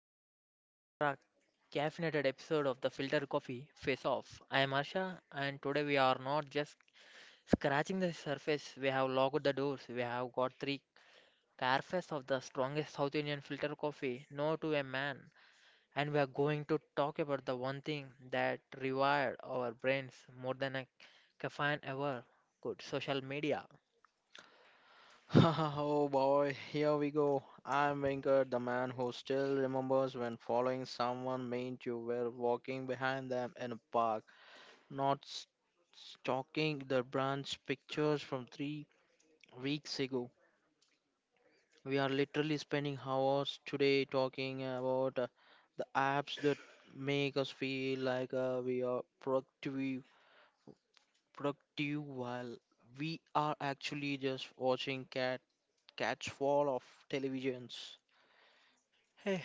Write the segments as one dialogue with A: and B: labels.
A: very special extra caffeinated episode of the Filter Coffee Face Off. I am Arsha, and today we are not just scratching the surface, we have locked the doors. We have got three carafes of the strongest South Indian filter coffee, no to a man. And we are going to talk about the one thing that rewired our brains more than a caffeine ever could, social media.
B: Oh boy, here we go. I'm Venkat, the man who still remembers when following someone meant you were walking behind them in a park, not s- stalking the branch pictures from 3 weeks ago. We are literally spending hours today talking about the apps that make us feel like we are productive, while we are actually just watching catch fall of televisions.
A: Hey,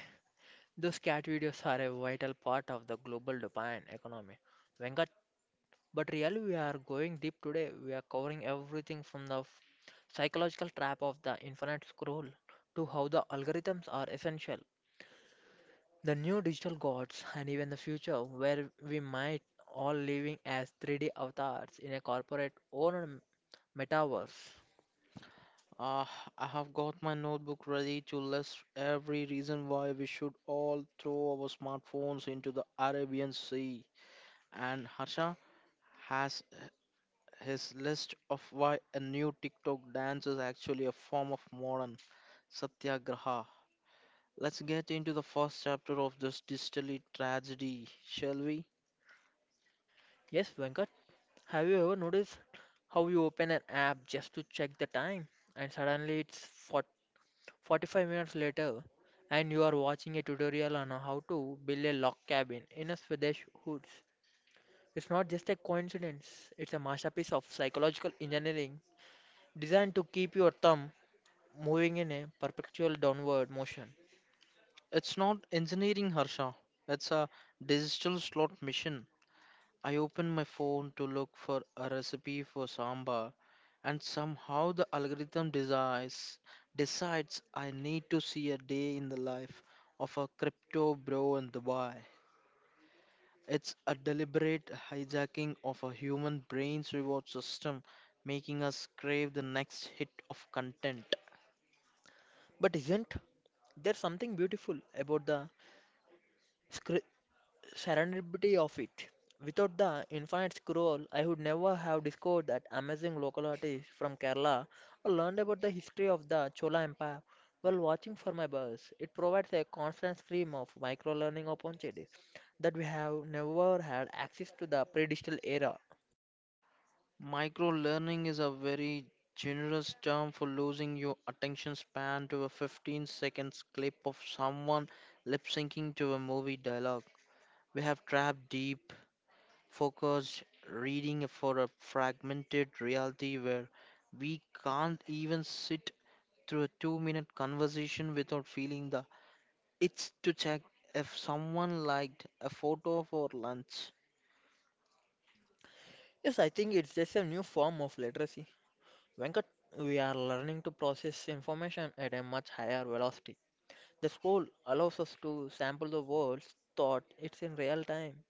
A: those cat videos are a vital part of the global dopamine economy. Venkat, but really, we are going deep today. We are covering everything from the psychological trap of the infinite scroll to how the algorithms are essential, the new digital gods, and even the future where we might all living as 3D avatars in a corporate owned metaverse.
B: Ah, I have got my notebook ready to list every reason why we should all throw our smartphones into the Arabian Sea. And Harsha has his list of why a new TikTok dance is actually a form of modern satyagraha. Let's get into the first chapter of this digital tragedy, shall we?
A: Yes, Venkat, have you ever noticed how you open an app just to check the time and suddenly it's 45 minutes later, and you are watching a tutorial on how to build a log cabin in a Swedish woods. It's not just a coincidence, it's a masterpiece of psychological engineering designed to keep your thumb moving in a perpetual downward motion.
B: It's not engineering, Harsha. It's a digital slot machine. I opened my phone to look for a recipe for sambar, and somehow the algorithm decides I need to see a day in the life of a crypto bro in Dubai. It's a deliberate hijacking of a human brain's reward system, making us crave the next hit of content.
A: But isn't there something beautiful about the scr- serendipity of it. Without the infinite scroll, I would never have discovered that amazing local artist from Kerala or learned about the history of the Chola Empire while watching for my bus. It provides a constant stream of micro learning opportunities that we have never had access to the pre digital era.
B: Micro learning is a very generous term for losing your attention span to a 15 seconds clip of someone lip syncing to a movie dialogue. We have trapped deep, focused reading for a fragmented reality where we can't even sit through a 2 minute conversation without feeling the itch to check if someone liked a photo for lunch.
A: Yes, I think it's just a new form of literacy. Venkat, we are learning to process information at a much higher velocity. The school allows us to sample the world's thought it's in real time.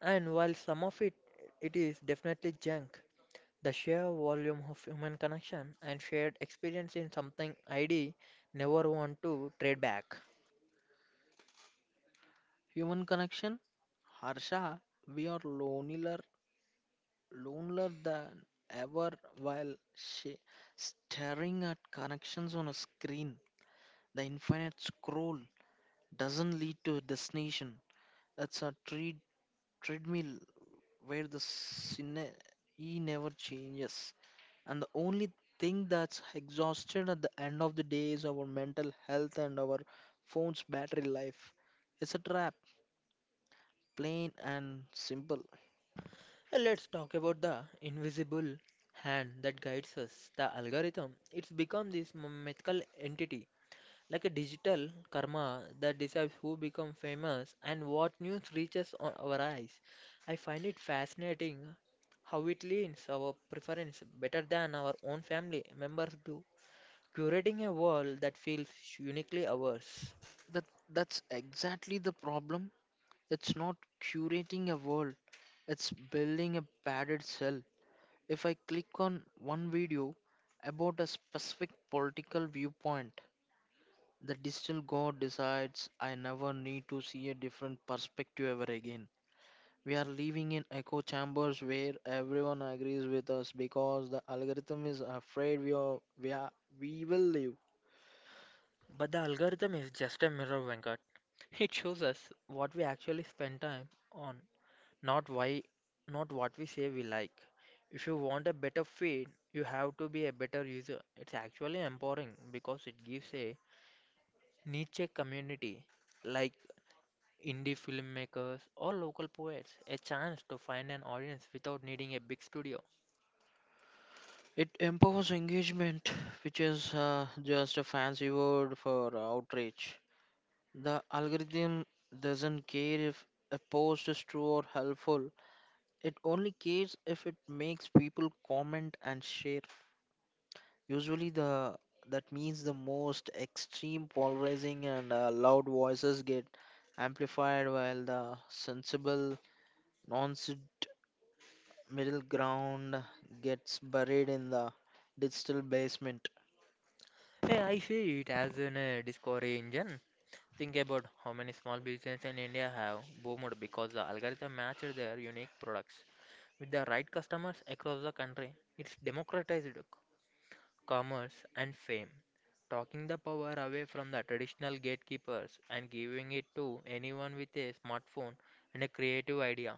A: And while some of it it is definitely junk, the sheer volume of human connection and shared experience in something I'd never want to trade back.
B: Human connection? Harsha, we are lonely lonelier than ever while she staring at connections on a screen. The infinite scroll doesn't lead to a destination. It's a treadmill where the E never changes. And the only thing that's exhausted at the end of the day is our mental health and our phone's battery life. It's a trap, plain and simple.
A: Let's talk about the invisible hand that guides us, the algorithm. It's become this mythical entity, like a digital karma that decides who becomes famous and what news reaches on our eyes. I find it fascinating how it leans our preference better than our own family members do, curating a world that feels uniquely ours.
B: That's exactly the problem. It's not curating a world. It's building a padded cell. If I click on one video about a specific political viewpoint, the digital god decides I never need to see a different perspective ever again. We are living in echo chambers where everyone agrees with us because the algorithm is afraid we are, we will live.
A: But the algorithm is just a mirror, Venkat. It shows us what we actually spend time on, not why, not what we say we like. If you want a better feed, you have to be a better user. It's actually empowering because it gives a niche community like indie filmmakers or local poets a chance to find an audience without needing a big studio.
B: It empowers engagement, which is just a fancy word for outrage. The algorithm doesn't care if a post is true or helpful. It only cares if it makes people comment and share. Usually, the that means the most extreme, polarizing, and loud voices get amplified, while the sensible, non middle ground gets buried in the digital basement.
A: Hey, I see it as an discovery engine. Think about how many small businesses in India have boomed because the algorithm matched their unique products with the right customers across the country. It's democratized commerce and fame, taking the power away from the traditional gatekeepers and giving it to anyone with a smartphone and a creative idea.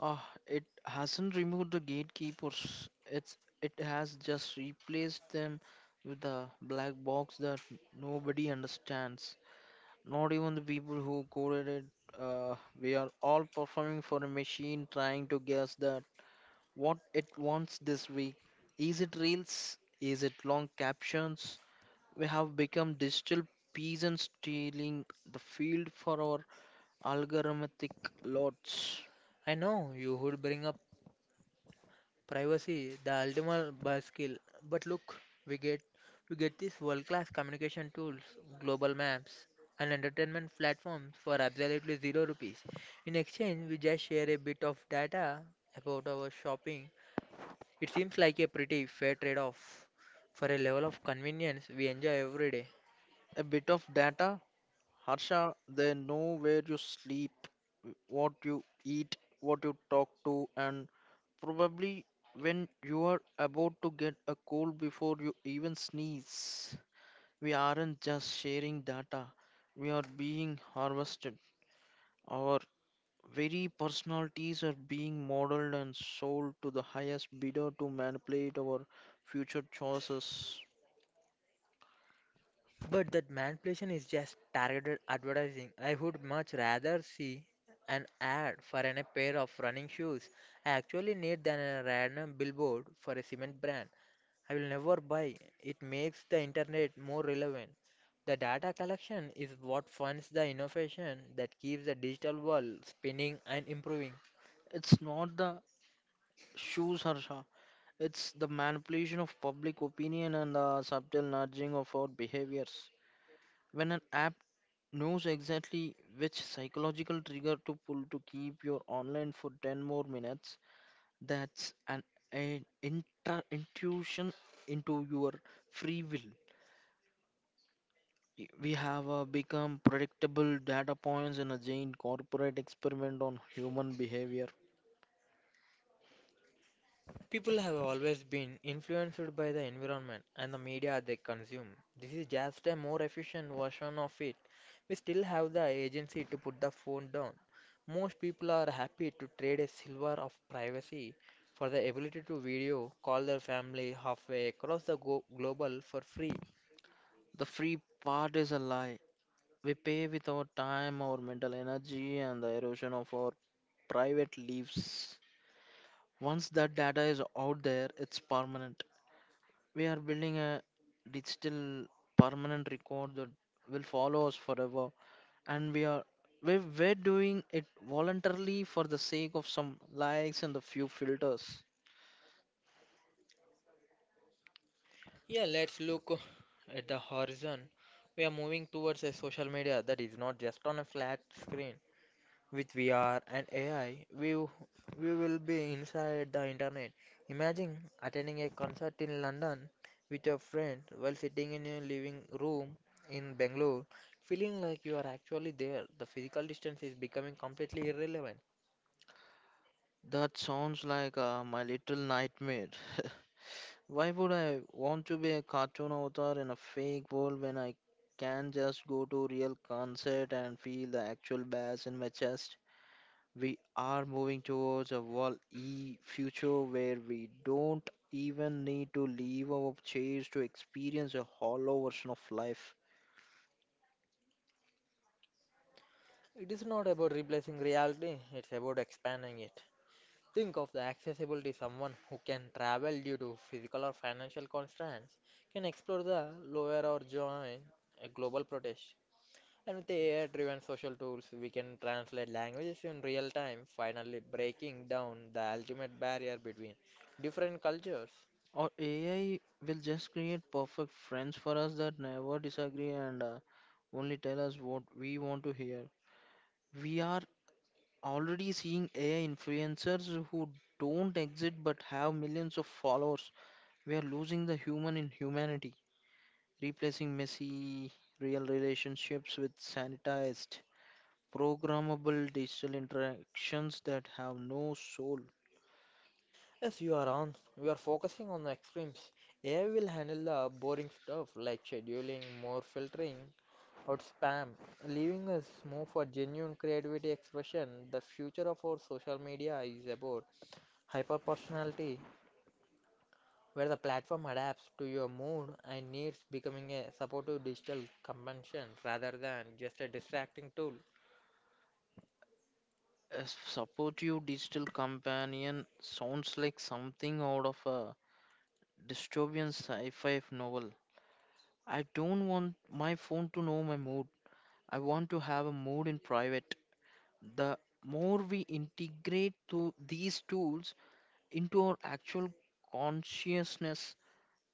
B: Ah, it hasn't removed the gatekeepers. It has just replaced them with a black box that nobody understands. Not even the people who coded it. Uh, we are all performing for a machine trying to guess that what it wants this week. Is it reels? Is it long captions? We have become digital peasants stealing the field for our algorithmic lots.
A: I know you would bring up privacy, the ultimate buzz skill. But look, we get we get these world-class communication tools, global maps, and entertainment platforms for absolutely zero rupees. In exchange, we just share a bit of data about our shopping. It seems like a pretty fair trade-off for a level of convenience we enjoy every day.
B: A bit of data, Harsha, they know where you sleep, what you eat, what you talk to, and probably when you are about to get a cold before you even sneeze. We aren't just sharing data, we are being harvested. Our very personalities are being modeled and sold to the highest bidder to manipulate our future choices.
A: But that manipulation is just targeted advertising. I would much rather see an ad for a pair of running shoes I actually need than a random billboard for a cement brand. I will never buy. It makes the internet more relevant. The data collection is what funds the innovation that keeps the digital world spinning and improving.
B: It's not the shoes, Harsha. It's the manipulation of public opinion and the subtle nudging of our behaviors. When an app knows exactly which psychological trigger to pull to keep you online for 10 more minutes, that's an intra- intuition into your free will. We have become predictable data points in a giant corporate experiment on human behavior.
A: People have always been influenced by the environment and the media they consume. This is just a more efficient version of it. We still have the agency to put the phone down. Most people are happy to trade a silver of privacy for the ability to video call their family halfway across the global for free.
B: The free part is a lie. We pay with our time, our mental energy, and the erosion of our private lives. Once that data is out there, it's permanent. We are building a digital permanent record that will follow us forever, and we are we we're doing it voluntarily for the sake of some likes and a few filters.
A: Yeah, let's look at the horizon. We are moving towards a social media that is not just on a flat screen. With VR and AI, we will be inside the internet. Imagine attending a concert in London with your friend while sitting in your living room in Bangalore, feeling like you are actually there. The physical distance is becoming completely irrelevant.
B: That sounds like my little nightmare. Why would I want to be a cartoon avatar in a fake world when I can just go to real concert and feel the actual bass in my chest? We are moving towards a wall e future where we don't even need to leave our chairs to experience a hollow version of life.
A: It is not about replacing reality, it's about expanding it. Think of the accessibility someone who can travel due to physical or financial constraints can explore the lower or join a global protest. And with the AI-driven social tools, we can translate languages in real time, finally breaking down the ultimate barrier between different cultures.
B: Or AI will just create perfect friends for us that never disagree and only tell us what we want to hear. We are already seeing AI influencers who don't exist but have millions of followers. We are losing the human in humanity, replacing messy real relationships with sanitized, programmable digital interactions that have no soul.
A: Yes, you are on. We are focusing on the extremes. AI will handle the boring stuff like scheduling, more filtering, or spam, leaving us more for genuine creativity expression. The future of our social media is about hyper personality where the platform adapts to your mood and needs, becoming a supportive digital companion rather than just a distracting tool.
B: A supportive digital companion sounds like something out of a dystopian sci fi novel. I don't want my phone to know my mood. I want to have a mood in private. The more we integrate to these tools into our actual consciousness,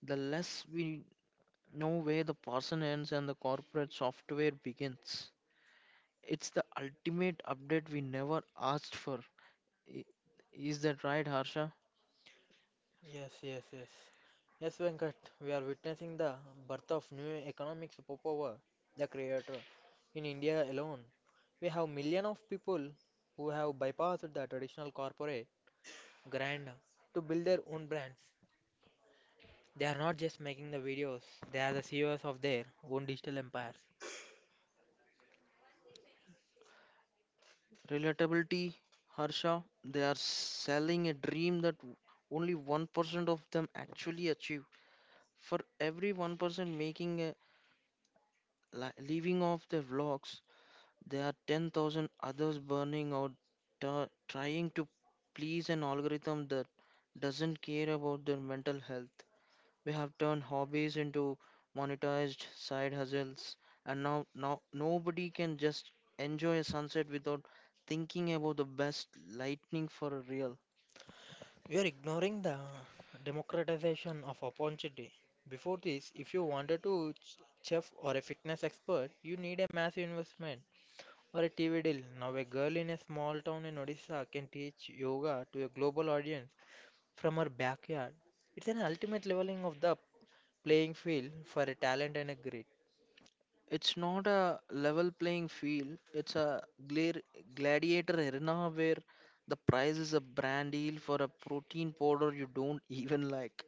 B: the less we know where the person ends and the corporate software begins. It's the ultimate update we never asked for. I- is that right, Harsha?
A: Yes, yes, yes. Yes, Venkat, we are witnessing the birth of new economic superpower, the creator. In India alone, we have millions of people who have bypassed the traditional corporate grind to build their own brands. They are not just making the videos, they are the CEOs of their own digital empires.
B: Relatability, Harsha, they are selling a dream that only 1% of them actually achieve. For every 1% making a living off their vlogs, there are 10,000 others burning out trying to please an algorithm that doesn't care about their mental health. We have turned hobbies into monetized side hustles, and now nobody can just enjoy a sunset without thinking about the best lightning for a reel.
A: You are ignoring the democratization of opportunity. Before this, if you wanted to chef or a fitness expert, you need a massive investment or a TV deal. Now, a girl in a small town in Odisha can teach yoga to a global audience from her backyard. It's an ultimate leveling of the playing field for a talent and a grit.
B: It's not a level playing field, it's a gladiator arena where the price is a brand deal for a protein powder you don't even like.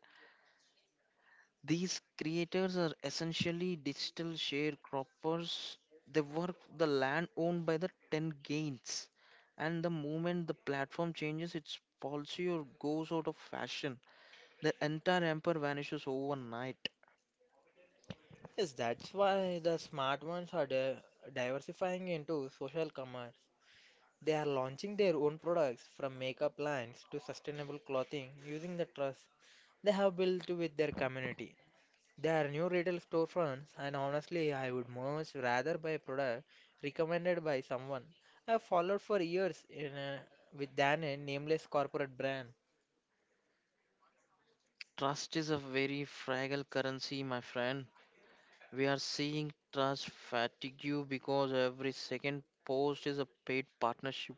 B: These creators are essentially digital sharecroppers. They work the land owned by the 10 gains. And the moment the platform changes its policy or goes out of fashion, the entire empire vanishes overnight.
A: Yes, that's why the smart ones are diversifying into social commerce. They are launching their own products from makeup lines to sustainable clothing using the trust they have built with their community. They are new retail storefronts, and honestly, I would much rather buy a product recommended by someone I have followed for years in a, with than a nameless corporate brand.
B: Trust is a very fragile currency, my friend. We are seeing trust fatigue because every second post is a paid partnership.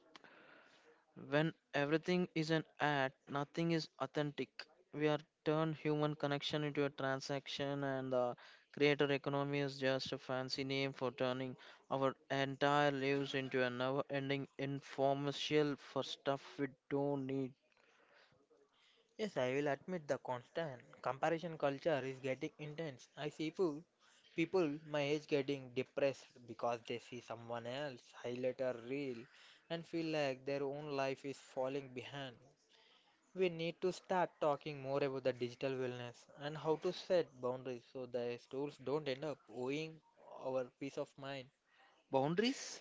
B: When everything is an ad, nothing is authentic. We are turned human connection into a transaction, and the creator economy is just a fancy name for turning our entire lives into a never ending infomercial for stuff we don't need.
A: Yes, I will admit the constant comparison culture is getting intense. I see people my age getting depressed because they see someone else highlighter reel and feel like their own life is falling behind. We need to start talking more about the digital wellness and how to set boundaries so the tools don't end up owing our peace of mind.
B: Boundaries?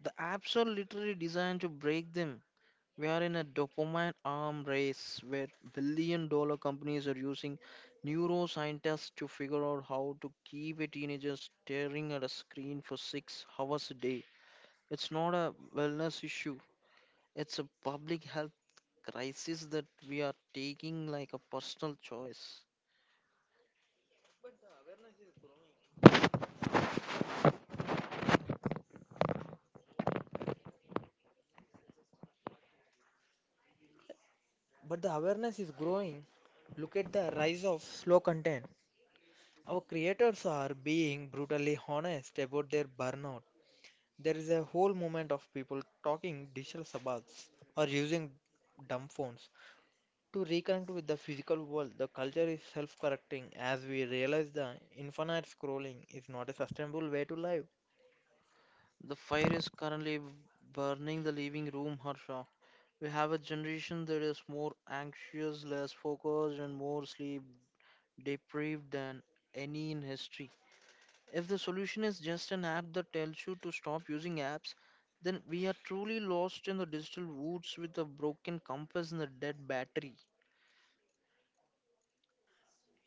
B: The apps are literally designed to break them. We are in a dopamine arm race where billion dollar companies are using neuroscientists to figure out how to keep a teenager staring at a screen for 6 hours a day. It's not a wellness issue, it's a public health crisis that we are taking like a personal choice.
A: But the awareness is growing. Look at the rise of slow content. Our creators are being brutally honest about their burnout. There is a whole movement of people talking digital sabbaths or using dumb phones to reconnect with the physical world. The culture is self correcting as we realize the infinite scrolling is not a sustainable way to live.
B: The fire is currently burning the living room, Harsha. We have a generation that is more anxious, less focused, and more sleep deprived than any in history. If the solution is just an app that tells you to stop using apps, then we are truly lost in the digital woods with a broken compass and a dead battery.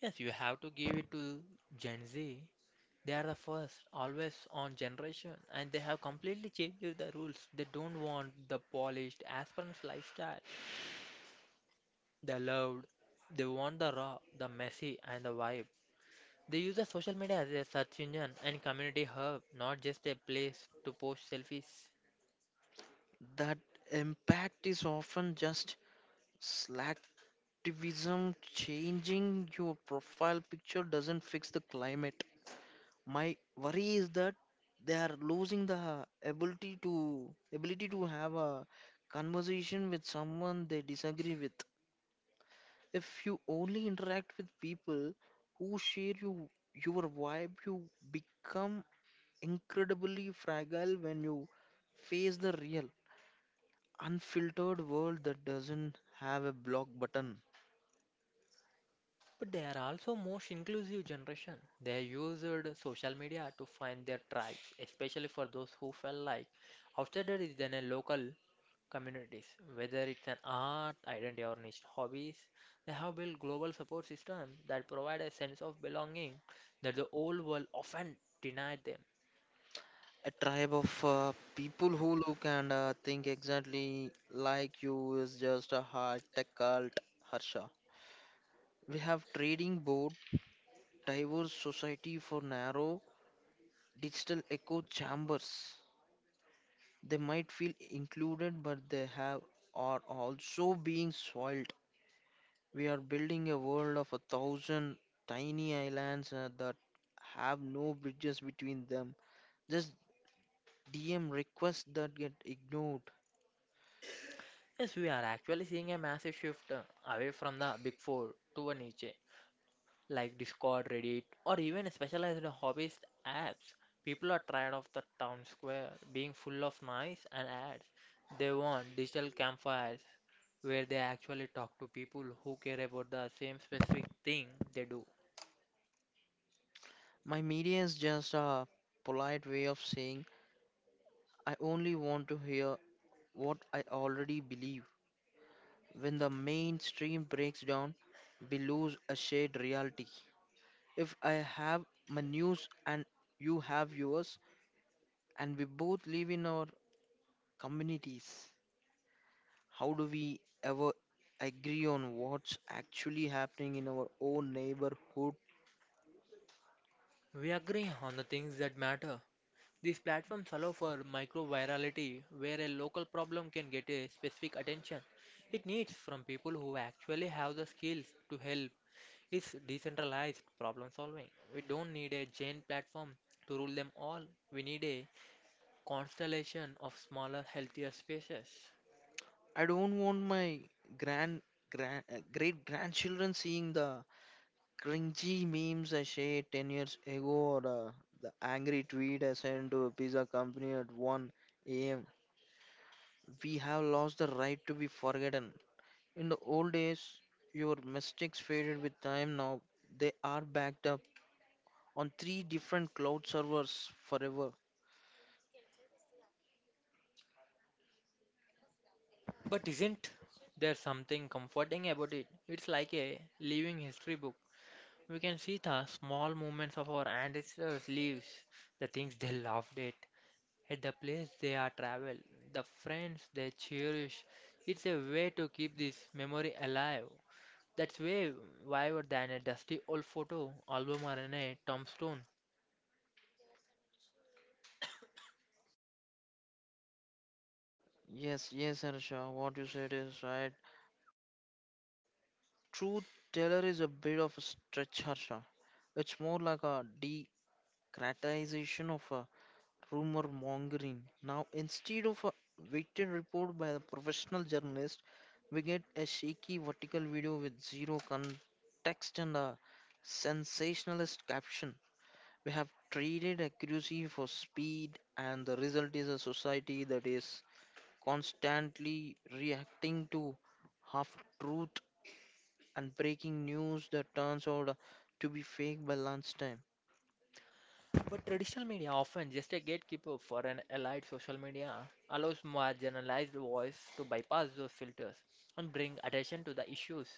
A: Yes, you have to give it to Gen Z. They are the first, always on generation, and they have completely changed the rules. They don't want the polished aspirant lifestyle. They loved, they want the raw, the messy, and the vibe. They use the social media as a search engine and community hub, not just a place to post selfies.
B: That impact is often just slacktivism. Changing your profile picture doesn't fix the climate. My worry is that they are losing the ability to ability to have a conversation with someone they disagree with. If you only interact with people who share your vibe, you become incredibly fragile when you face the real, unfiltered world that doesn't have a block button.
A: But they are also most inclusive generation. They used social media to find their tribes, especially for those who felt like outsider is than a local communities. Whether it's an art, identity, or niche hobbies, they have built global support systems that provide a sense of belonging that the old world often denied them.
B: A tribe of people who look and think exactly like you is just a high tech cult, Harsha. We have trading board diverse society for narrow digital echo chambers. They might feel included, but they have are also being soiled. We are building a world of a thousand tiny islands that have no bridges between them. Just DM requests that get ignored.
A: Yes, we are actually seeing a massive shift away from the big four to a niche like Discord, Reddit, or even specialized hobbyist apps. People are tired of the town square being full of noise and ads. They want digital campfires where they actually talk to people who care about the same specific thing they do.
B: My media is just a polite way of saying I only want to hear what I already believe. When the mainstream breaks down, we lose a shared reality. If I have my news and you have yours, and we both live in our communities. How do we ever agree on what's actually happening in our own neighborhood?
A: We agree on the things that matter. These platforms allow for micro-virality, where a local problem can get a specific attention it needs from people who actually have the skills to help. It's decentralized problem solving. We don't need a giant platform to rule them all. We need a constellation of smaller, healthier spaces.
B: I don't want my grand, grand great grandchildren seeing the cringy memes I shared 10 years ago or the angry tweet I sent to a pizza company at 1 a.m. We have lost the right to be forgotten. In the old days, your mistakes faded with time. Now they are backed up on three different cloud servers forever.
A: But isn't there something comforting about it? It's like a living history book. We can see the small movements of our ancestors' lives, the things they laughed at the place they are travel, the friends they cherish. It's a way to keep this memory alive. That's way wider than a dusty old photo album or in a tombstone.
B: Yes, yes, Harsha, what you said is right. Truth teller is a bit of a stretch, Harsha. It's more like a decratization of a rumor mongering. Now, instead of a weighted report by the professional journalist, we get a shaky vertical video with zero context and a sensationalist caption. We have traded accuracy for speed, and the result is a society that is constantly reacting to half truth and breaking news that turns out to be fake by lunchtime.
A: But traditional media, often just a gatekeeper for an allied social media, allows marginalized voice to bypass those filters and bring attention to the issues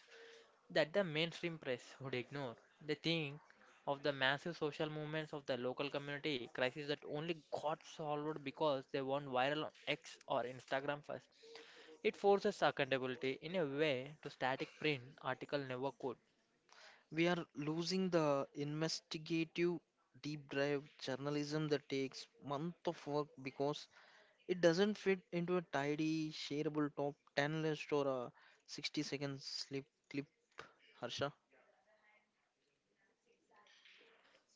A: that the mainstream press would ignore. They think of the massive social movements of the local community crisis that only got solved because they went viral on X or Instagram first. It forces accountability in a way to static print article never could.
B: We are losing the investigative deep dive journalism that takes months of work because it doesn't fit into a tidy shareable top 10 list or a 60-second slip clip, Harsha.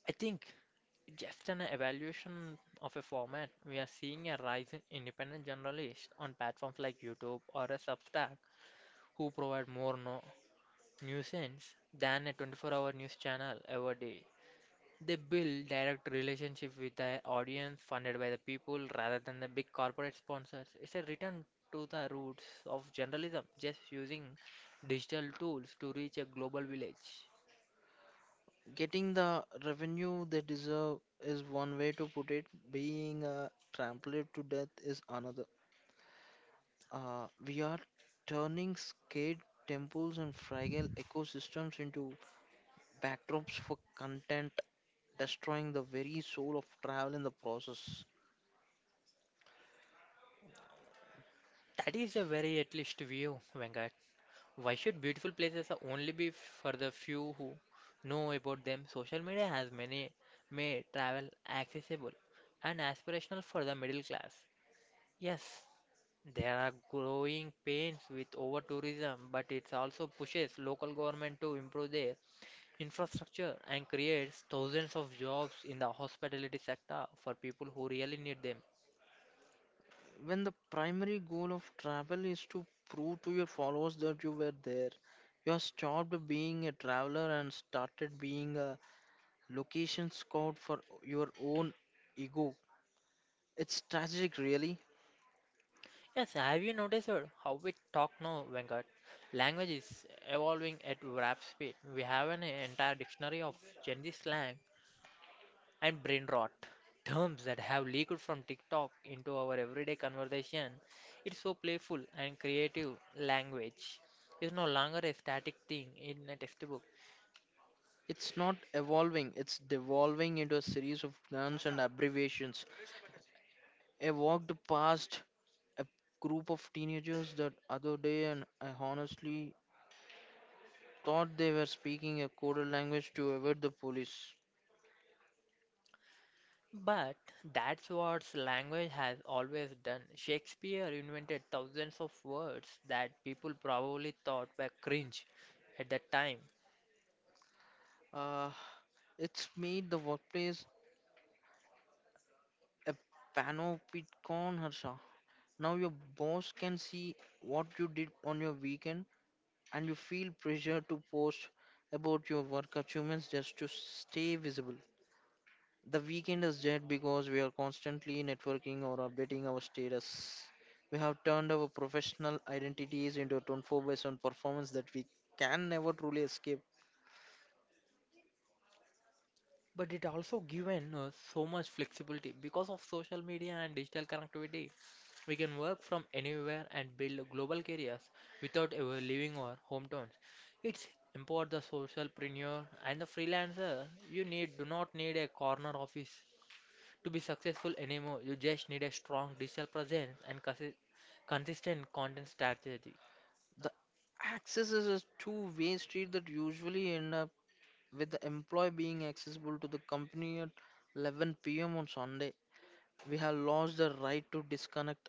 A: I think just an evaluation of a format, we are seeing a rise in independent journalists on platforms like YouTube or a Substack who provide more nuisance than a 24-hour news channel ever did. They build direct relationship with their audience funded by the people rather than the big corporate sponsors. It's a return to the roots of journalism, just using digital tools to reach a global village.
B: Getting the revenue they deserve is one way to put it. Being trampled to death is another. We are turning scared temples and fragile ecosystems into backdrops for content, destroying the very soul of travel in the process.
A: That is a very at least view, Venkat. Why should beautiful places only be for the few who know about them? Social media has many made travel accessible and aspirational for the middle class. Yes, there are growing pains with over tourism, but it also pushes local government to improve their infrastructure and creates thousands of jobs in the hospitality sector for people who really need them.
B: When the primary goal of travel is to prove to your followers that you were there, you have stopped being a traveler and started being a location scout for your own ego. It's tragic, really.
A: Yes, have you noticed how we talk now, Venkat? Language is evolving at rapid speed. We have an entire dictionary of Gen Z slang and brain rot, terms that have leaked from TikTok into our everyday conversation. It's so playful and creative. Language is no longer a static thing in a textbook.
B: It's not evolving, it's devolving into a series of guns and abbreviations. I walked past a group of teenagers that other day and I honestly thought they were speaking a coded language to avoid the police.
A: But that's what language has always done. Shakespeare invented thousands of words that people probably thought were cringe at that time.
B: Uh, it's made the workplace a panopticon, Harsha. Now your boss can see what you did on your weekend and you feel pressure to post about your work achievements just to stay visible. The weekend is dead because we are constantly networking or updating our status. We have turned our professional identities into a 24 by 7 performance that we can never truly escape.
A: But it also given us so much flexibility because of social media and digital connectivity. We can work from anywhere and build global careers without ever leaving our hometowns. It's empower the socialpreneur and the freelancer. You need do not need a corner office to be successful anymore. You just need a strong digital presence and consistent content strategy.
B: The access is a two-way street that usually end up with the employee being accessible to the company at 11 p.m. on Sunday. We have lost the right to disconnect.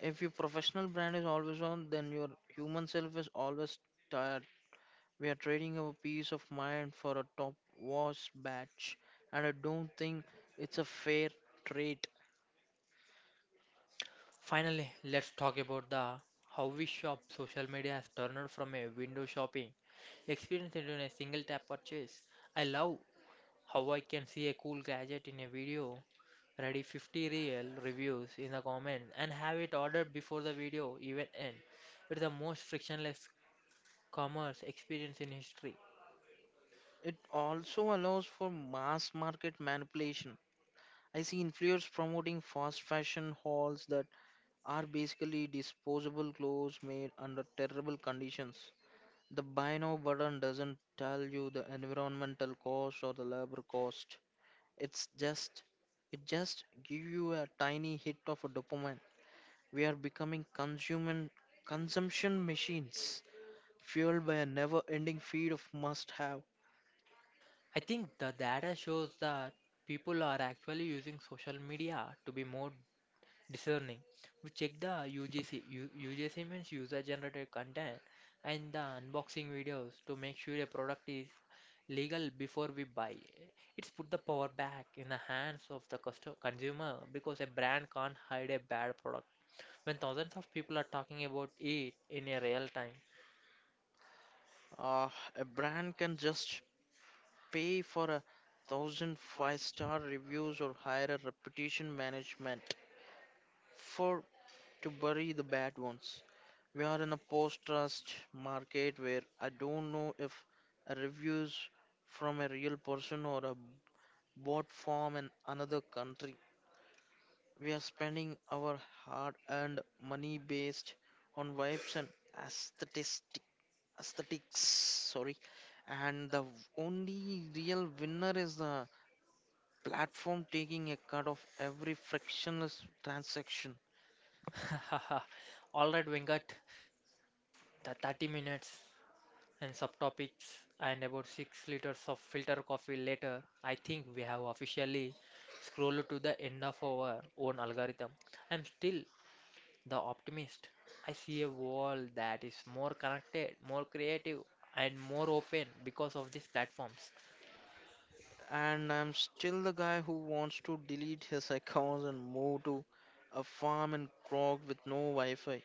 B: If your professional brand is always on, then your human self is always tired. We are trading our peace of mind for a top wash batch, and I don't think it's a fair trade.
A: Finally, let's talk about the how we shop. Social media has turned from a window shopping experience into a single tap purchase. I love how I can see a cool gadget in a video Ready 50 real reviews in the comment and have it ordered before the video even end. It's the most frictionless commerce experience in history.
B: It also allows for mass market manipulation. I see influencers promoting fast fashion hauls that are basically disposable clothes made under terrible conditions. The buy now button doesn't tell you the environmental cost or the labor cost. It's just it just give you a tiny hit of a dopamine. We are becoming consumption machines, fueled by a never ending feed of must have.
A: I think the data shows that people are actually using social media to be more discerning. We check the UGC. UGC means user generated content and the unboxing videos to make sure a product is legal before we buy. It's put the power back in the hands of the customer consumer because a brand can't hide a bad product when thousands of people are talking about it in a real time.
B: Uh, a brand can just pay for a 1,000 five star reviews or hire a reputation management for to bury the bad ones. We are in a post trust market where I don't know if a reviews from a real person or a bot form in another country. We are spending our hard earned money based on vibes and aesthetic, aesthetics. Sorry. And the only real winner is the platform taking a cut of every frictionless transaction.
A: All right, Venkat, the 30 minutes. And subtopics and about 6 liters of filter coffee later, I think we have officially scrolled to the end of our own algorithm. I'm still the optimist. I see a world that is more connected, more creative, and more open because of these platforms.
B: And I'm still the guy who wants to delete his accounts and move to a farm in Krog with no Wi Fi.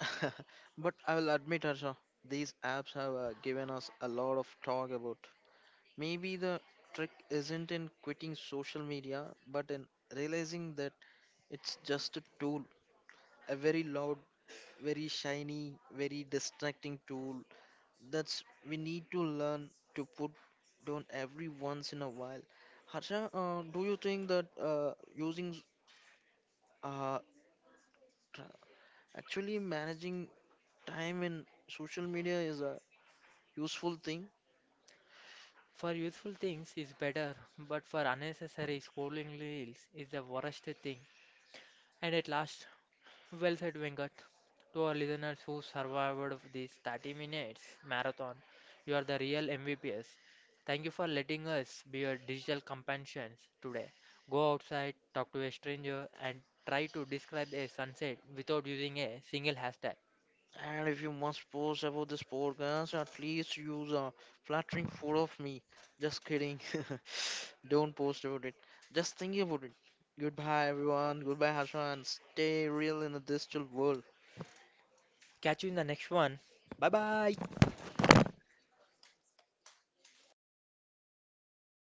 B: But I will admit, Harsha, these apps have given us a lot of talk about. Maybe the trick isn't in quitting social media, but in realizing that it's just a tool, a very loud, very shiny, very distracting tool that's we need to learn to put down every once in a while. Harsha, do you think that using uh, tr- actually managing time in social media is a useful thing?
A: For useful things is better, but for unnecessary scrolling reels is the worst thing. And at last, well said, Venkat. To our listeners who survived of these 30 minutes marathon, you are the real MVPs. Thank you for letting us be your digital companions today. Go outside, talk to a stranger, and try to describe a sunset without using a single hashtag.
B: And if you must post about this podcast, at least use a flattering photo of me. Just kidding. Don't post about it. Just think about it. Goodbye, everyone. Goodbye, Harsha, and stay real in a digital world.
A: Catch you in the next one. Bye bye.